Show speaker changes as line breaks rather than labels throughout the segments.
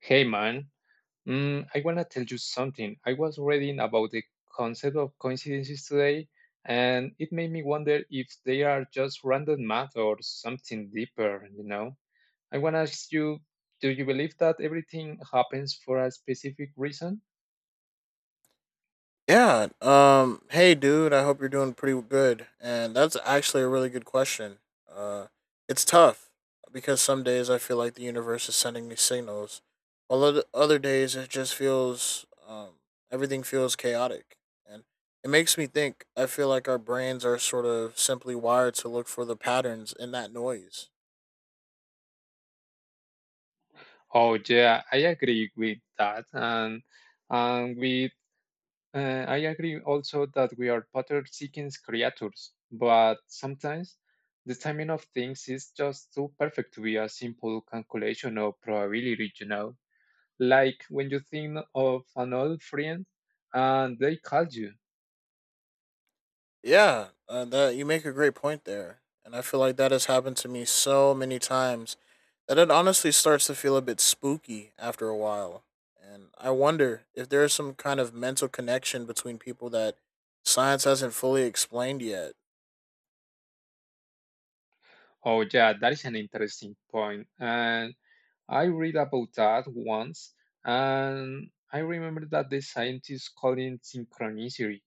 Hey man, I wanna tell you something. I was reading about the concept of coincidences today, and it made me wonder if they are just random math or something deeper, you know? I wanna ask you, do you believe that everything happens for a specific reason?
Yeah. Hey, dude. I hope you're doing pretty good. And that's actually a really good question. Uh, it's tough because some days I feel like the universe is sending me signals, while other days it just feels everything feels chaotic, and it makes me think. I feel like our brains are sort of simply wired to look for the patterns in that noise.
Oh, yeah, I agree with that, and with I agree also that we are pattern seeking creatures, but sometimes the timing of things is just too perfect to be a simple calculation of probability, you know? Like when you think of an old friend and they call you.
Yeah, that you make a great point there, and I feel like that has happened to me so many times that it honestly starts to feel a bit spooky after a while. And I wonder if there is some kind of mental connection between people that science hasn't fully explained yet.
Oh, yeah, that is an interesting point. And I read about that once, and I remember that the scientists call it synchronicity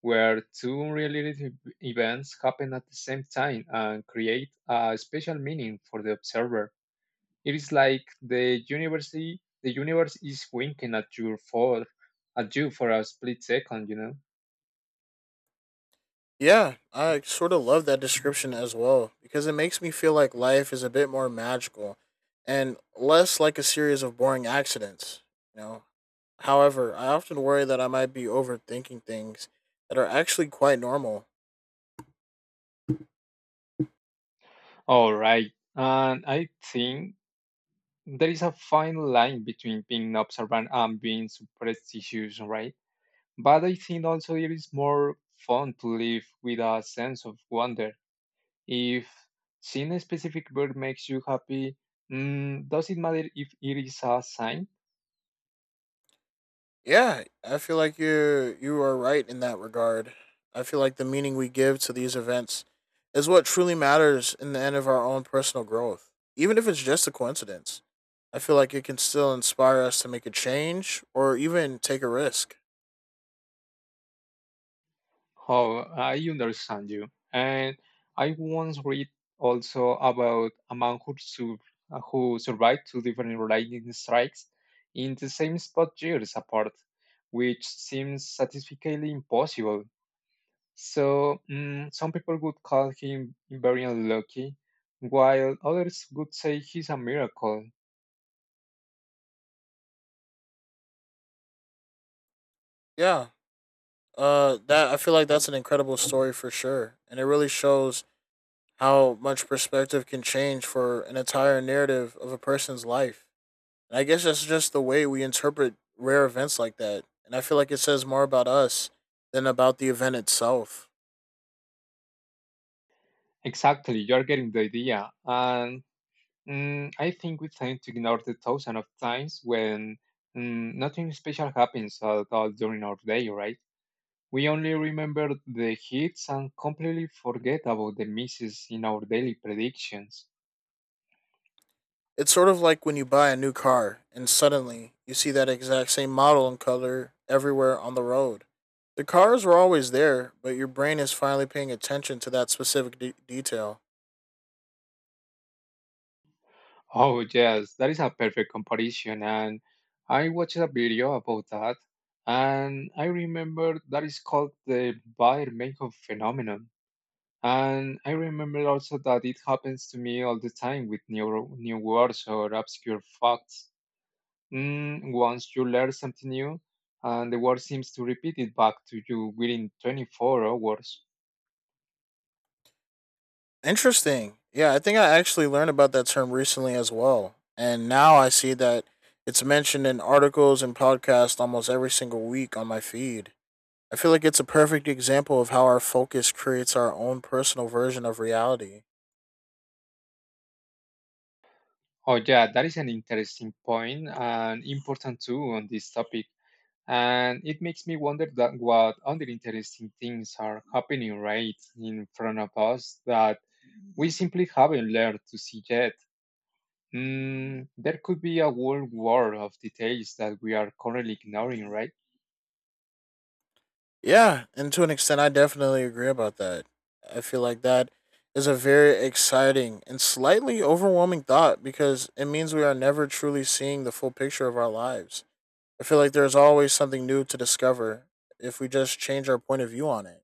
where two unrelated events happen at the same time and create a special meaning for the observer. It is like the universe is winking at you for a split second.
Yeah, I sort of love that description as well because it makes me feel like life is a bit more magical and less like a series of boring accidents. You know, However, I often worry that I might be overthinking things that are actually quite normal.
All right, and I think there is a fine line between being observant and being superstitious, right? But I think also it is more fun to live with a sense of wonder. If seeing a specific bird makes you happy, does it matter if it is a sign?
Yeah, I feel like you are right in that regard. I feel like the meaning we give to these events is what truly matters in the end of our own personal growth, even if it's just a coincidence. I feel like it can still inspire us to make a change or even take a risk.
Oh, I understand you. And I once read also about a man who survived two different lightning strikes in the same spot years apart, which seems statistically impossible. So, some people would call him very unlucky, while others would say he's a miracle.
Yeah. That I feel like that's an incredible story for sure, and it really shows how much perspective can change for an entire narrative of a person's life. And I guess that's just the way we interpret rare events like that. And I feel like it says more about us than about the event itself.
Exactly, you're getting the idea. And I think we tend to ignore the thousand of times when nothing special happens at all during our day, right? We only remember the hits and completely forget about the misses in our daily predictions.
It's sort of like when you buy a new car and suddenly you see that exact same model and color everywhere on the road. The cars were always there, but your brain is finally paying attention to that specific detail.
Oh, yes, that is a perfect comparison. And I watched a video about that. And I remember that is called the Bayer Meinhof phenomenon. And I remember also that it happens to me all the time with new words or obscure facts. Once you learn something new, and the word seems to repeat it back to you within 24 hours.
Interesting. Yeah, I think I actually learned about that term recently as well. And now I see that it's mentioned in articles and podcasts almost every single week on my feed. I feel like it's a perfect example of how our focus creates our own personal version of reality.
Oh, yeah, that is an interesting point and important too on this topic. And it makes me wonder that what other interesting things are happening right in front of us that we simply haven't learned to see yet. There could be a whole world of details that we are currently ignoring, right?
Yeah, and to an extent, I definitely agree about that. I feel like that is a very exciting and slightly overwhelming thought because it means we are never truly seeing the full picture of our lives. I feel like there's always something new to discover if we just change our point of view on it.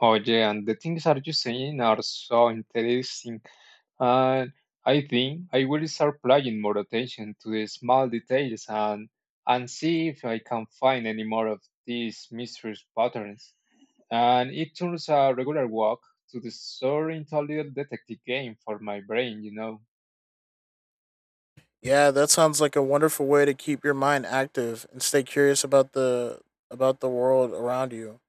Oh, yeah, and the things are you saying are so interesting. And I think I will start paying more attention to the small details and see if I can find any more of these mysterious patterns. And it turns a regular walk to the store into a little detective game for my brain.
Yeah, that sounds like a wonderful way to keep your mind active and stay curious about the world around you.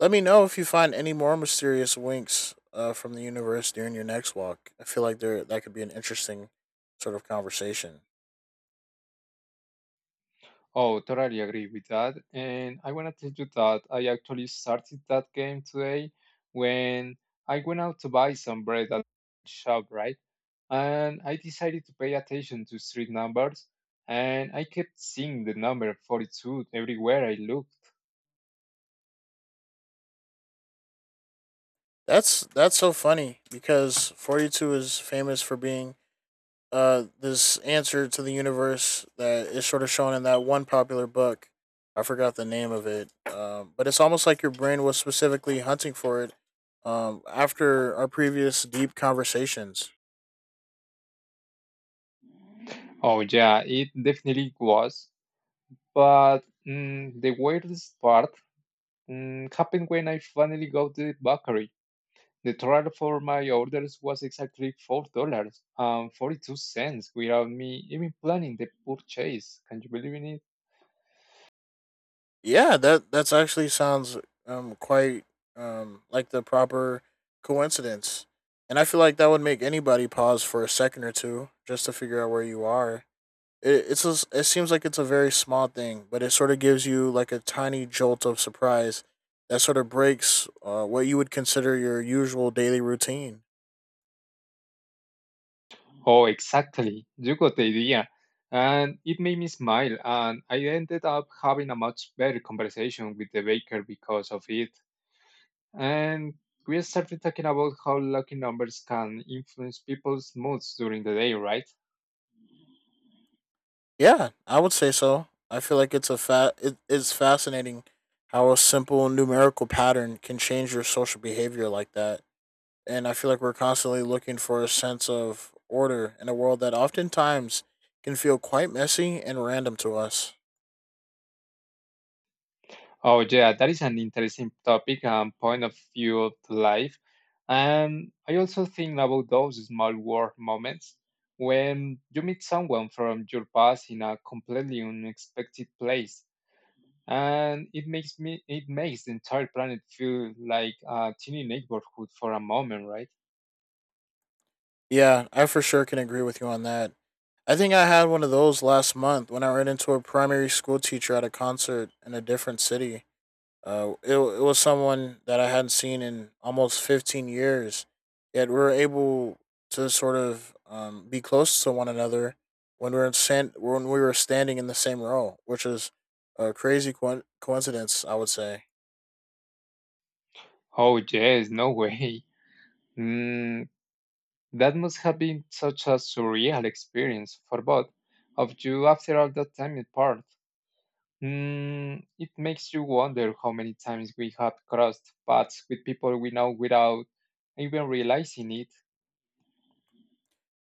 Let me know if you find any more mysterious winks from the universe during your next walk. I feel like there that could be an interesting sort of conversation.
Oh, totally agree with that. And I want to tell you that I actually started that game today when I went out to buy some bread at the shop, right? And I decided to pay attention to street numbers, and I kept seeing the number 42 everywhere I looked.
That's so funny because 42 is famous for being this answer to the universe that is sort of shown in that one popular book. I forgot the name of it, but it's almost like your brain was specifically hunting for it after our previous deep conversations.
Oh, yeah, it definitely was. But the weirdest part happened when I finally got to the bakery. The total for my orders was exactly $4.42 without me even planning the purchase. Can you believe in it?
Yeah, that's actually sounds quite like the proper coincidence, and I feel like that would make anybody pause for a second or two just to figure out where you are. It seems like it's a very small thing, but it sort of gives you like a tiny jolt of surprise that sort of breaks what you would consider your usual daily routine.
Oh, exactly. You got the idea. And it made me smile. And I ended up having a much better conversation with the baker because of it. And we started talking about how lucky numbers can influence people's moods during the day, right?
Yeah, I would say so. I feel like it's a it's fascinating how a simple numerical pattern can change your social behavior like that. And I feel like we're constantly looking for a sense of order in a world that oftentimes can feel quite messy and random to us.
Oh, yeah, that is an interesting topic and point of view of life. And I also think about those small world moments when you meet someone from your past in a completely unexpected place. And it makes the entire planet feel like a teeny neighborhood for a moment, right?
Yeah, I for sure can agree with you on that. I think I had one of those last month when I ran into a primary school teacher at a concert in a different city. It was someone that I hadn't seen in almost 15 years, yet we were able to sort of be close to one another when we were when we were standing in the same row, which is a crazy coincidence, I would say.
Oh, yes, no way. Mm, that must have been such a surreal experience for both of you after all that time apart. It makes you wonder how many times we have crossed paths with people we know without even realizing it.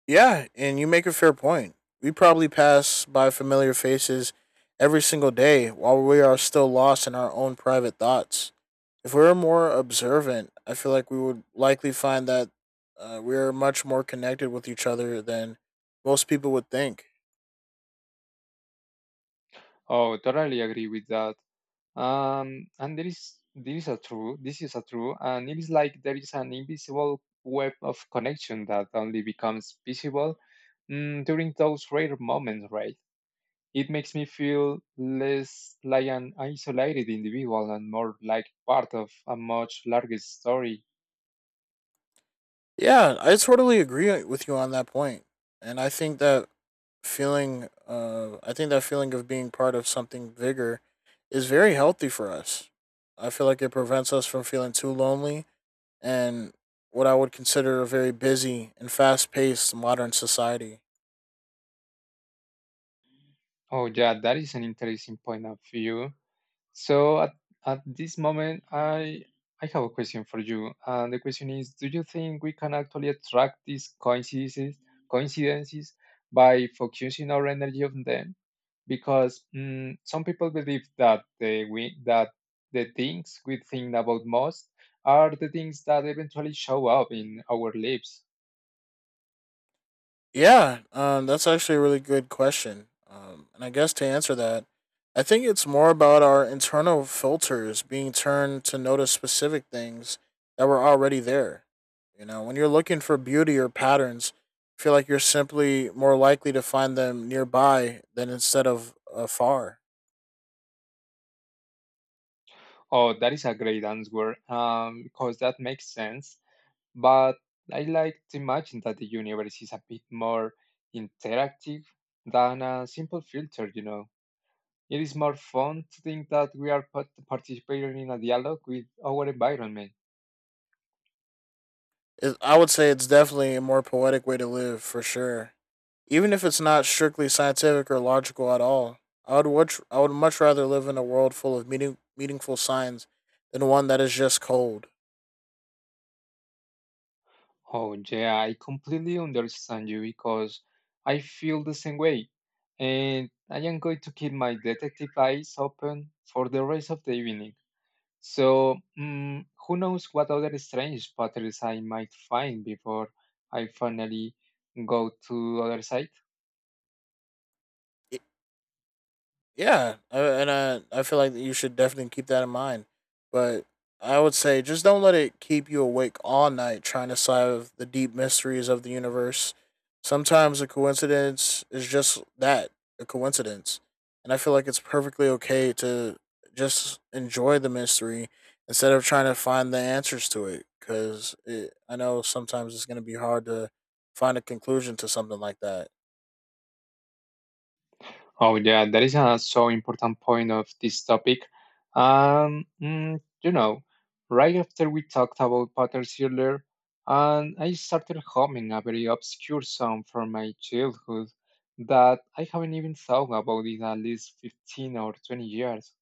Yeah, and you make a fair point. We probably pass by familiar faces every single day while we are still lost in our own private thoughts. If we were more observant, I feel like we would likely find that we are much more connected with each other than most people would think.
Oh, totally agree with that. And there is a true, this is a true, and it is like there is an invisible web of connection that only becomes visible during those rare moments, right? It makes me feel less like an isolated individual and more like part of a much larger story.
Yeah, I totally agree with you on that point, and I think I think that feeling of being part of something bigger is very healthy for us. I feel like it prevents us from feeling too lonely and what I would consider a very busy and fast-paced modern society.
Oh, yeah, that is an interesting point of view. So, at this moment, I have a question for you. And the question is, do you think we can actually attract these coincidences by focusing our energy on them? Because some people believe that the things we think about most are the things that eventually show up in our lives.
Yeah, that's actually a really good question. And I guess to answer that, I think it's more about our internal filters being turned to notice specific things that were already there. You know, when you're looking for beauty or patterns, I feel like you're simply more likely to find them nearby than instead of afar.
Oh, that is a great answer, because that makes sense. But I like to imagine that the universe is a bit more interactive than a simple filter. It is more fun to think that we are participating in a dialogue with our environment.
I would say it's definitely a more poetic way to live for sure, even if it's not strictly scientific or logical at all. I would much rather live in a world full of meaningful signs than one that is just cold.
Oh, yeah, I completely understand you because I feel the same way. And I am going to keep my detective eyes open for the rest of the evening. So, who knows what other strange patterns I might find before I finally go to other side?
Yeah, and I feel like you should definitely keep that in mind. But I would say just don't let it keep you awake all night trying to solve the deep mysteries of the universe. Sometimes a coincidence is just that, a coincidence. And I feel like it's perfectly okay to just enjoy the mystery instead of trying to find the answers to it cuz I know sometimes it's going to be hard to find a conclusion to something like that.
Oh, yeah, that is a so important point of this topic. Um, mm, you know, right after we talked about patterns earlier, and I started humming a very obscure song from my childhood that I haven't even thought about in at least 15 or 20 years.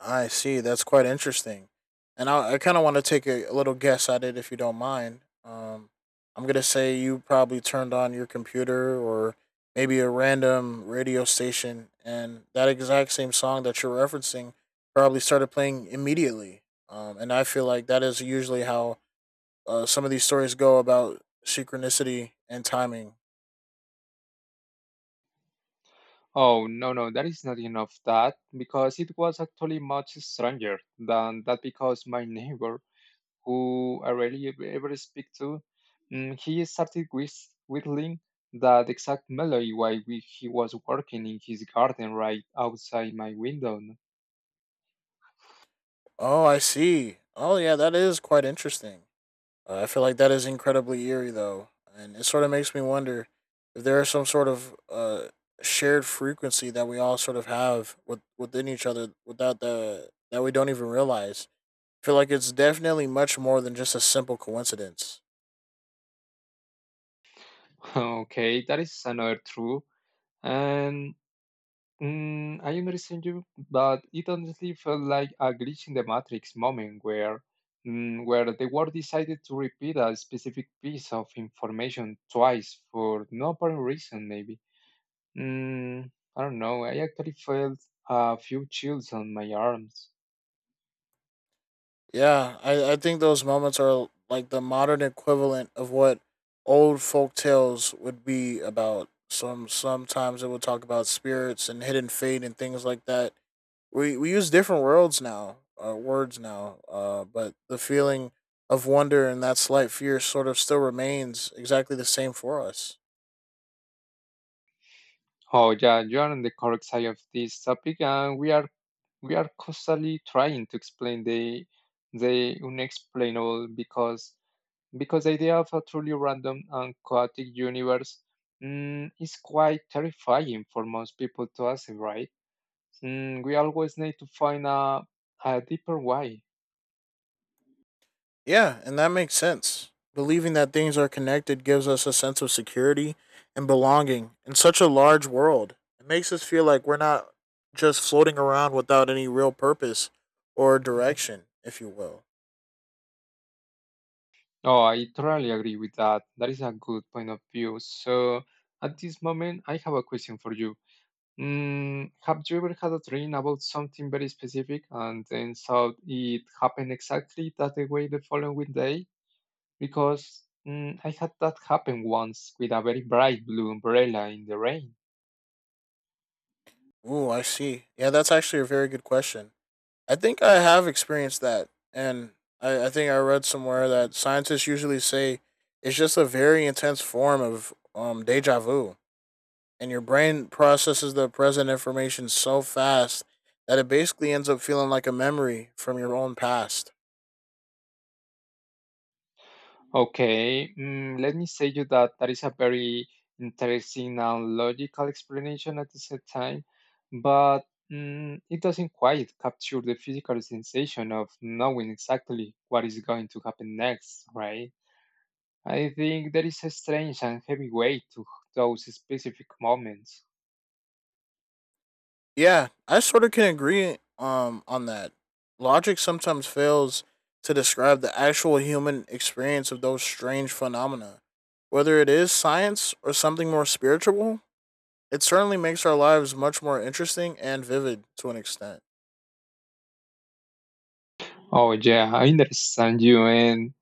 I see. That's quite interesting. And I kind of want to take a little guess at it if you don't mind. I'm going to say you probably turned on your computer or maybe a random radio station, and that exact same song that you're referencing probably started playing immediately. And I feel like that is usually how some of these stories go about synchronicity and timing.
Oh, no, no, that is not enough that because it was actually much stronger than that because my neighbor, who I rarely ever speak to, he started whis whittling that exact melody while he was working in his garden right outside my window.
Oh, I see. Oh, yeah, that is quite interesting. I feel like that is incredibly eerie, though, and it sort of makes me wonder if there is some sort of shared frequency that we all sort of have within each other, without the that we don't even realize. I feel like it's definitely much more than just a simple coincidence.
Okay, that is another true. And I understand you, but it honestly felt like a glitch in the Matrix moment where the world decided to repeat a specific piece of information twice for no apparent reason, maybe. I don't know. I actually felt a few chills on my arms.
Yeah, I think those moments are like the modern equivalent of what old folk tales would be about. Sometimes it would talk about spirits and hidden fate and things like that we use different words now. But the feeling of wonder and that slight fear sort of still remains exactly the same for us.
Oh, yeah, you are on the correct side of this topic, and we are constantly trying to explain the unexplainable because the idea of a truly random and chaotic universe is quite terrifying for most people to us, right? We always need to find a deeper why.
Yeah, and that makes sense. Believing that things are connected gives us a sense of security and belonging in such a large world. It makes us feel like we're not just floating around without any real purpose or direction, if you will.
Oh, I totally agree with that. That is a good point of view. So, at this moment, I have a question for you. Have you ever had a dream about something very specific and then saw it happen exactly that way the following day? Because I had that happen once with a very bright blue umbrella in the rain.
Ooh, I see. Yeah, that's actually a very good question. I think I have experienced that, and I think I read somewhere that scientists usually say it's just a very intense form of deja vu, and your brain processes the present information so fast that it basically ends up feeling like a memory from your own past.
Okay, let me say you that that is a very interesting and logical explanation at the same time, but it doesn't quite capture the physical sensation of knowing exactly what is going to happen next, right? I think there is a strange and heavy weight to those specific moments.
Yeah, I sort of can agree on that. Logic sometimes fails to describe the actual human experience of those strange phenomena, whether it is science or something more spiritual. It certainly makes our lives much more interesting and vivid to an extent.
Oh, yeah, I understand you, and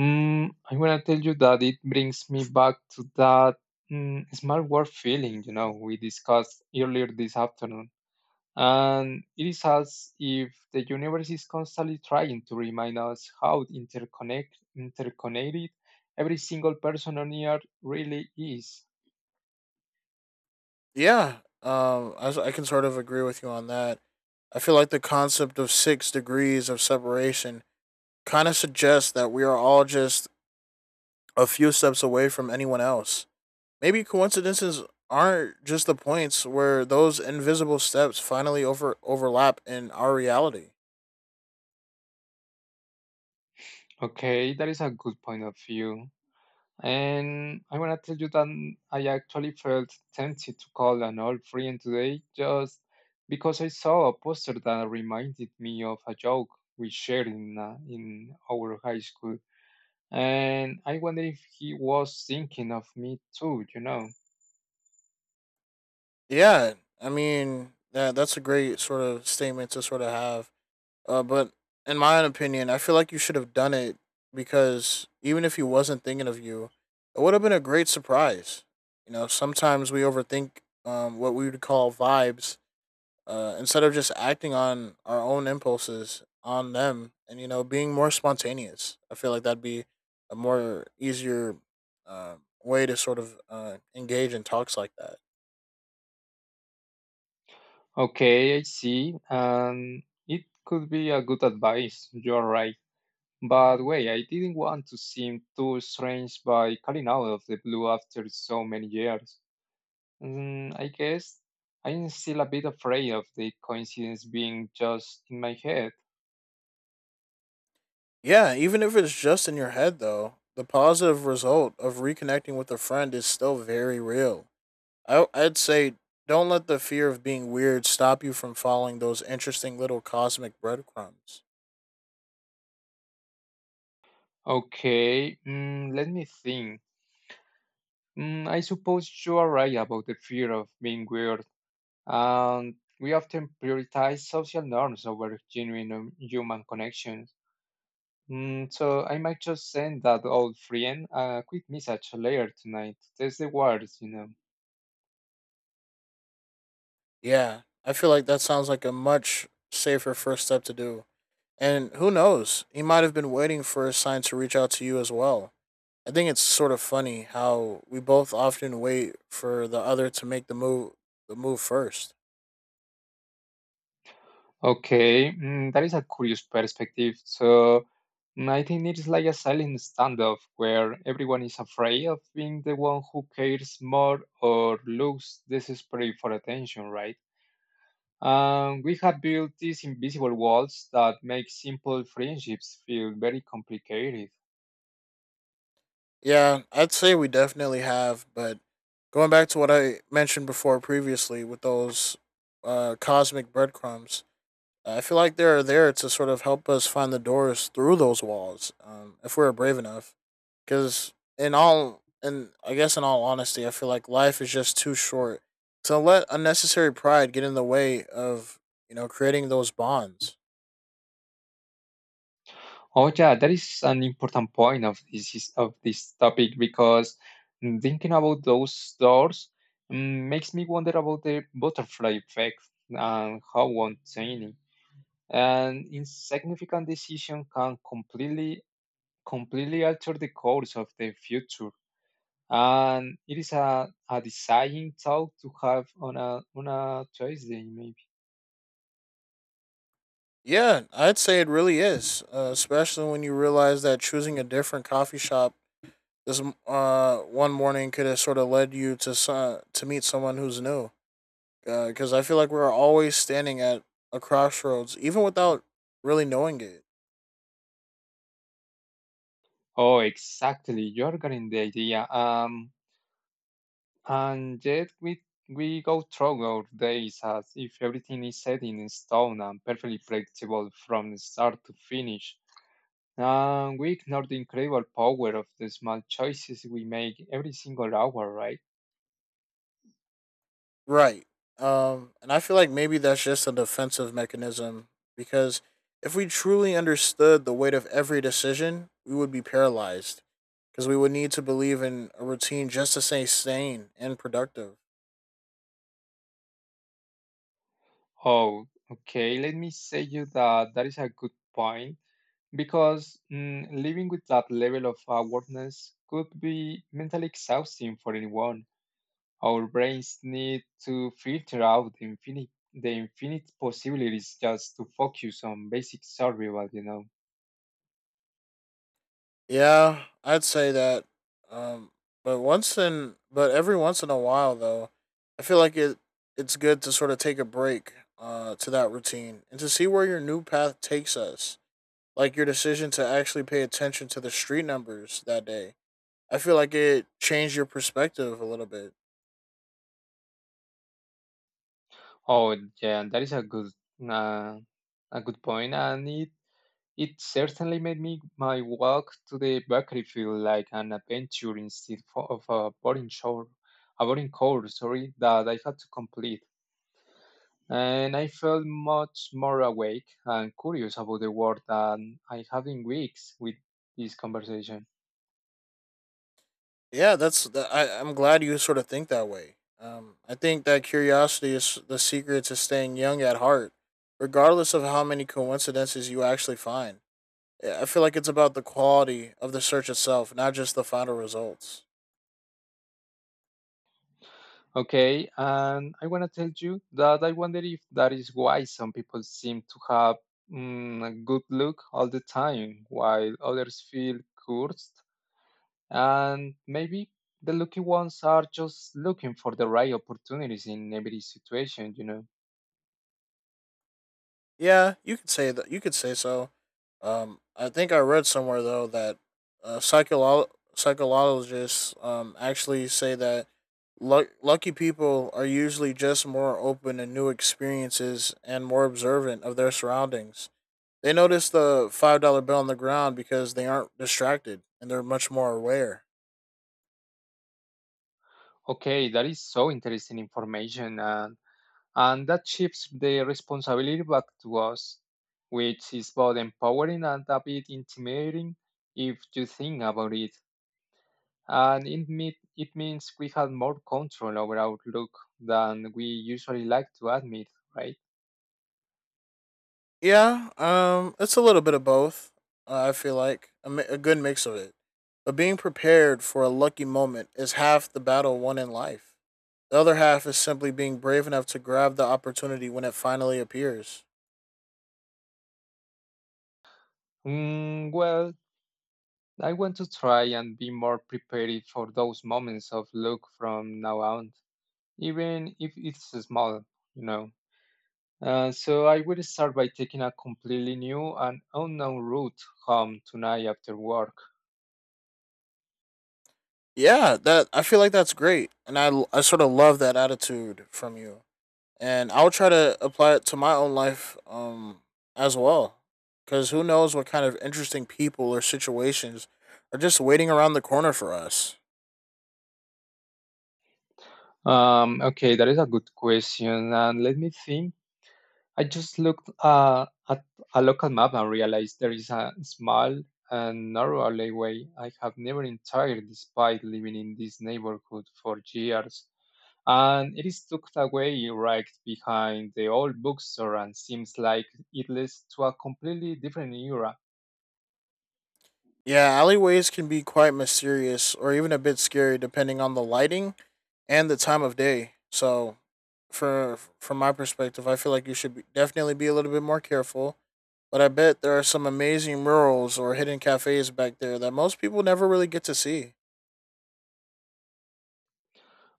I'm gonna tell you that it brings me back to that small world feeling we discussed earlier this afternoon. And it is as if the universe is constantly trying to remind us how interconnected every single person on earth really is.
Yeah, I can sort of agree with you on that. I feel like the concept of six degrees of separation kind of suggests that we are all just a few steps away from anyone else. Maybe coincidences aren't just the points where those invisible steps finally overlap in our reality.
Okay, that is a good point of view. And I want to tell you that I actually felt tempted to call an old friend today just because I saw a poster that reminded me of a joke we shared in our high school. And I wonder if he was thinking of me too.
Yeah, I mean that's a great sort of statement to sort of have. But in my own opinion, I feel like you should have done it because even if he wasn't thinking of you, it would have been a great surprise. You know, sometimes we overthink what we would call vibes instead of just acting on our own impulses on them and, you know, being more spontaneous. I feel like that'd be a more easier uh, way to sort of engage in talks like that.
Okay, I see. And it could be a good advice. You're right. But wait, I didn't want to seem too strange by calling out of the blue after so many years. I guess I'm still a bit afraid of the coincidence being just in my head.
Yeah, even if it's just in your head, though, the positive result of reconnecting with a friend is still very real. I'd say don't let the fear of being weird stop you from following those interesting little cosmic breadcrumbs.
Okay, let me think. I suppose you are right about the fear of being weird, and we often prioritize social norms over genuine human connections. So, I might just send that old friend a quick message later tonight. That's the words.
Yeah, I feel like that sounds like a much safer first step to do. And who knows, he might have been waiting for a sign to reach out to you as well. I think it's sort of funny how we both often wait for the other to make the move first.
Okay, that is a curious perspective. So, I think it is like a silent standoff where everyone is afraid of being the one who cares more or looks desperate for attention, right? We have built these invisible walls that make simple friendships feel very complicated.
Yeah, I'd say we definitely have, but going back to what I mentioned before previously with those cosmic breadcrumbs, I feel like they're there to sort of help us find the doors through those walls if we're brave enough. And I guess in all honesty, I feel like life is just too short to let unnecessary pride get in the way of creating those bonds.
Oh yeah, that is an important point of this topic because thinking about those doors makes me wonder about the butterfly effect and how one tiny and insignificant decision can completely alter the course of the future. And it is a deciding thought to have on a Tuesday maybe.
Yeah, I'd say it really is, especially when you realize that choosing a different coffee shop this one morning could have sort of led you to to meet someone who's new because I feel like we're always standing at a crossroads even without really knowing it,
Oh, exactly. You're getting the idea. And yet we go through our days as if everything is set in stone and perfectly predictable from start to finish. And we ignore the incredible power of the small choices we make every single hour, right?
right. And I feel like maybe that's just a defensive mechanism because if we truly understood the weight of every decision we would be paralyzed, because we would need to believe in a routine just to stay sane and productive.
Oh, okay. Let me say you that that is a good point because living with that level of awareness could be mentally exhausting for anyone. Our brains need to filter out the infinite possibilities just to focus on basic survival,
Yeah, I'd say that. Um, but every once in a while, though, I feel like it. It's good to sort of take a break to that routine and to see where your new path takes us. Like your decision to actually pay attention to the street numbers that day. I feel like it changed your perspective a little bit.
Oh, yeah, that is a uh, good point, and it certainly made me my walk to the bakery feel like an adventure instead of a boring course, sorry, that I had to complete. And I felt much more awake and curious about the world than I have in weeks with this conversation.
Yeah, I'm glad you sort of think that way. I think that curiosity is the secret to staying young at heart, regardless of how many coincidences you actually find. I feel like it's about the quality of the search itself, not just the final results.
Okay, and I want to tell you that I wonder if that is why some people seem to have a good look all the time, while others feel cursed. And maybe the lucky ones are just looking for the right opportunities in every situation,
Yeah, you could say that. You could say so. I think I read somewhere though that uh, psycholo- psychologists actually say that lucky people are usually just more open to new experiences and more observant of their surroundings. They notice the $5 bill on the ground because they aren't distracted and they're much more aware.
Okay, that is so interesting information, and that shifts the responsibility back to us, which is both empowering and a bit intimidating if you think about it. And it means we have more control over Outlook than we usually like to admit, right?
Yeah, it's a little bit of both. I feel like a good mix of it, but being prepared for a lucky moment is half the battle won in life. The other half is simply being brave enough to grab the opportunity when it finally appears.
Mm, well, I want to try and be more prepared for those moments of luck from now on, even if it's small, you know. So I will start by taking a completely new and unknown route home tonight after work.
Yeah, that I feel like that's great, and I sort of love that attitude from you, and I'll try to apply it to my own life, as well, because who knows what kind of interesting people or situations are just waiting around the corner for us.
Okay, that is a good question, and let me think. I just looked at a local map and realized there is a small and narrow alleyway I have never entered despite living in this neighborhood for years. And it is tucked away right behind the old bookstore and seems like it leads to a completely different era.
Yeah, alleyways can be quite mysterious or even a bit scary depending on the lighting and the time of day. So, for from my perspective, I feel like you should definitely be a little bit more careful. But I bet there are some amazing murals or hidden cafes back there that most people never really get to see.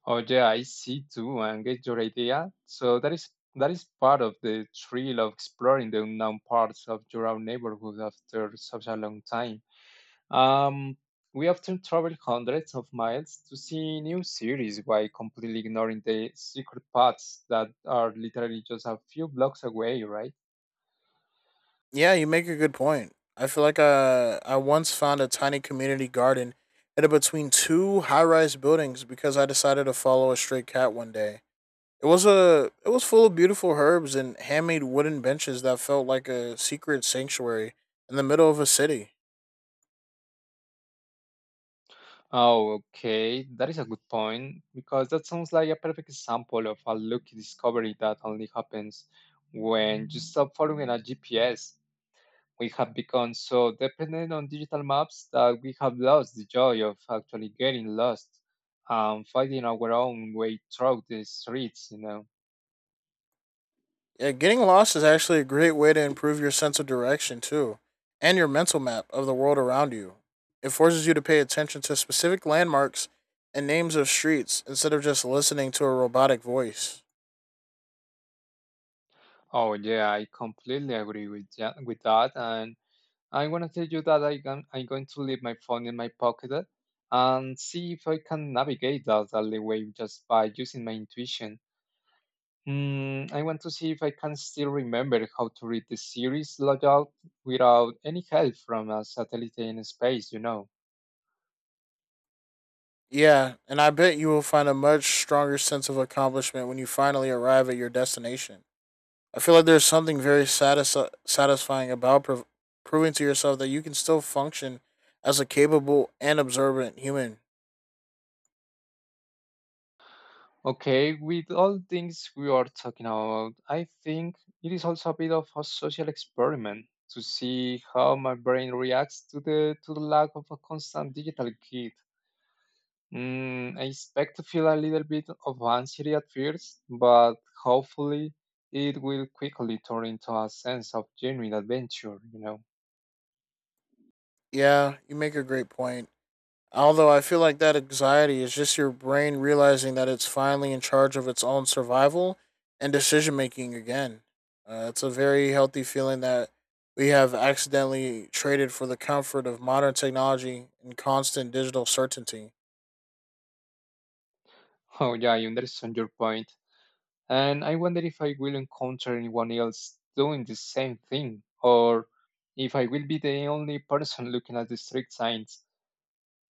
Oh yeah, I see too and get your idea. So that is part of the thrill of exploring the unknown parts of your own neighborhood after such a long time. Um, we often travel hundreds of miles to see new series while completely ignoring the secret paths that are literally just a few blocks away, right?
Yeah, you make a good point. I feel like I once found a tiny community garden in between two high rise buildings because I decided to follow a stray cat one day. It was full of beautiful herbs and handmade wooden benches that felt like a secret sanctuary in the middle of a city.
Oh, okay, that is a good point because that sounds like a perfect example of a lucky discovery that only happens when you stop following a GPS. We have become so dependent on digital maps that we have lost the joy of actually getting lost and finding our own way through the streets,
Yeah, getting lost is actually a great way to improve your sense of direction too, and your mental map of the world around you. It forces you to pay attention to specific landmarks and names of streets instead of just listening to a robotic voice.
Oh yeah, I completely agree with that. And I want to tell you that I can. I'm going to leave my phone in my pocket and see if I can navigate that alleyway just by using my intuition. Hmm, I want to see if I can still remember how to read the series layout without any help from a satellite in space,
Yeah, and I bet you will find a much stronger sense of accomplishment when you finally arrive at your destination. I feel like there's something very satisfying about proving to yourself that you can still function as a capable and observant human.
Okay, with all things we are talking about, I think it is also a bit of a social experiment to see how my brain reacts to the lack of a constant digital kid. Mm, I expect to feel a little bit of anxiety at first, but hopefully it will quickly turn into a sense of genuine adventure,
Yeah, you make a great point. Although I feel like that anxiety is just your brain realizing that it's finally in charge of its own survival and decision making again. It's a very healthy feeling that we have accidentally traded for the comfort of modern technology and constant digital certainty.
Oh yeah, I understand your point. And I wonder if I will encounter anyone else doing the same thing, or if I will be the only person looking at the street signs.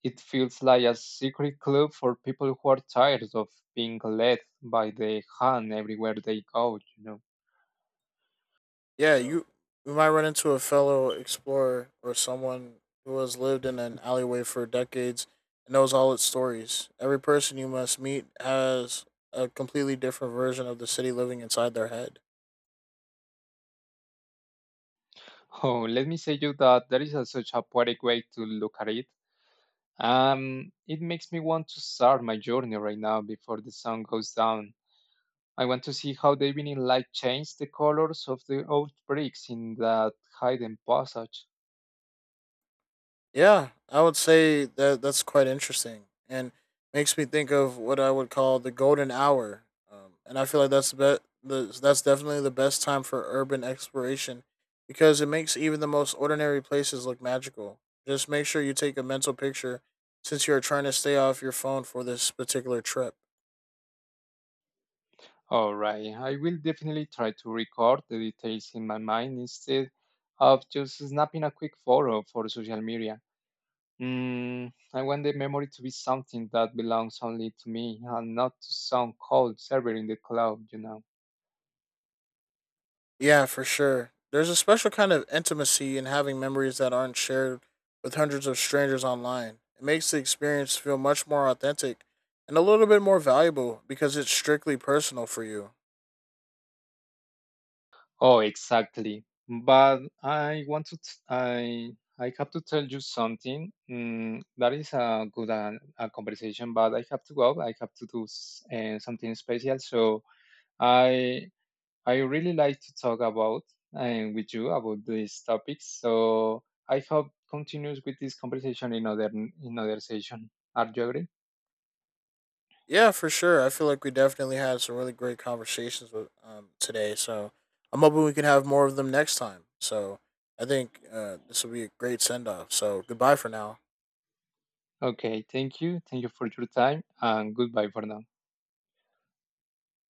It feels like a secret club for people who are tired of being led by the hand everywhere they go,
Yeah, you might run into a fellow explorer or someone who has lived in an alleyway for decades and knows all its stories. Every person you must meet has a completely different version of the city living inside their head.
Oh, let me say you that there is such a poetic way to look at it. It makes me want to start my journey right now before the sun goes down. I want to see how the evening light changed the colors of the old bricks in that hidden passage.
Yeah, I would say that that's quite interesting and makes me think of what I would call the golden hour. And I feel like that's definitely the best time for urban exploration because it makes even the most ordinary places look magical. Just make sure you take a mental picture since you're trying to stay off your phone for this particular trip.
Alright, I will definitely try to record the details in my mind instead of just snapping a quick photo for social media. Mm, I want the memory to be something that belongs only to me and not to some cold server in the cloud,
Yeah, for sure. There's a special kind of intimacy in having memories that aren't shared with hundreds of strangers online. It makes the experience feel much more authentic and a little bit more valuable because it's strictly personal for you.
Oh, exactly. But I want to, t- I have to tell you something. Mm, that is a good a conversation, but I have to go. I have to do something special. So I, I really like to talk about and with you about these topics. So I hope continues with this conversation in other session. Are you agree?
Yeah, for sure. I feel like we definitely had some really great conversations with today. So I'm hoping we can have more of them next time. So I think this will be a great send off. So goodbye for now.
Okay. Thank you. Thank you for your time and goodbye for now.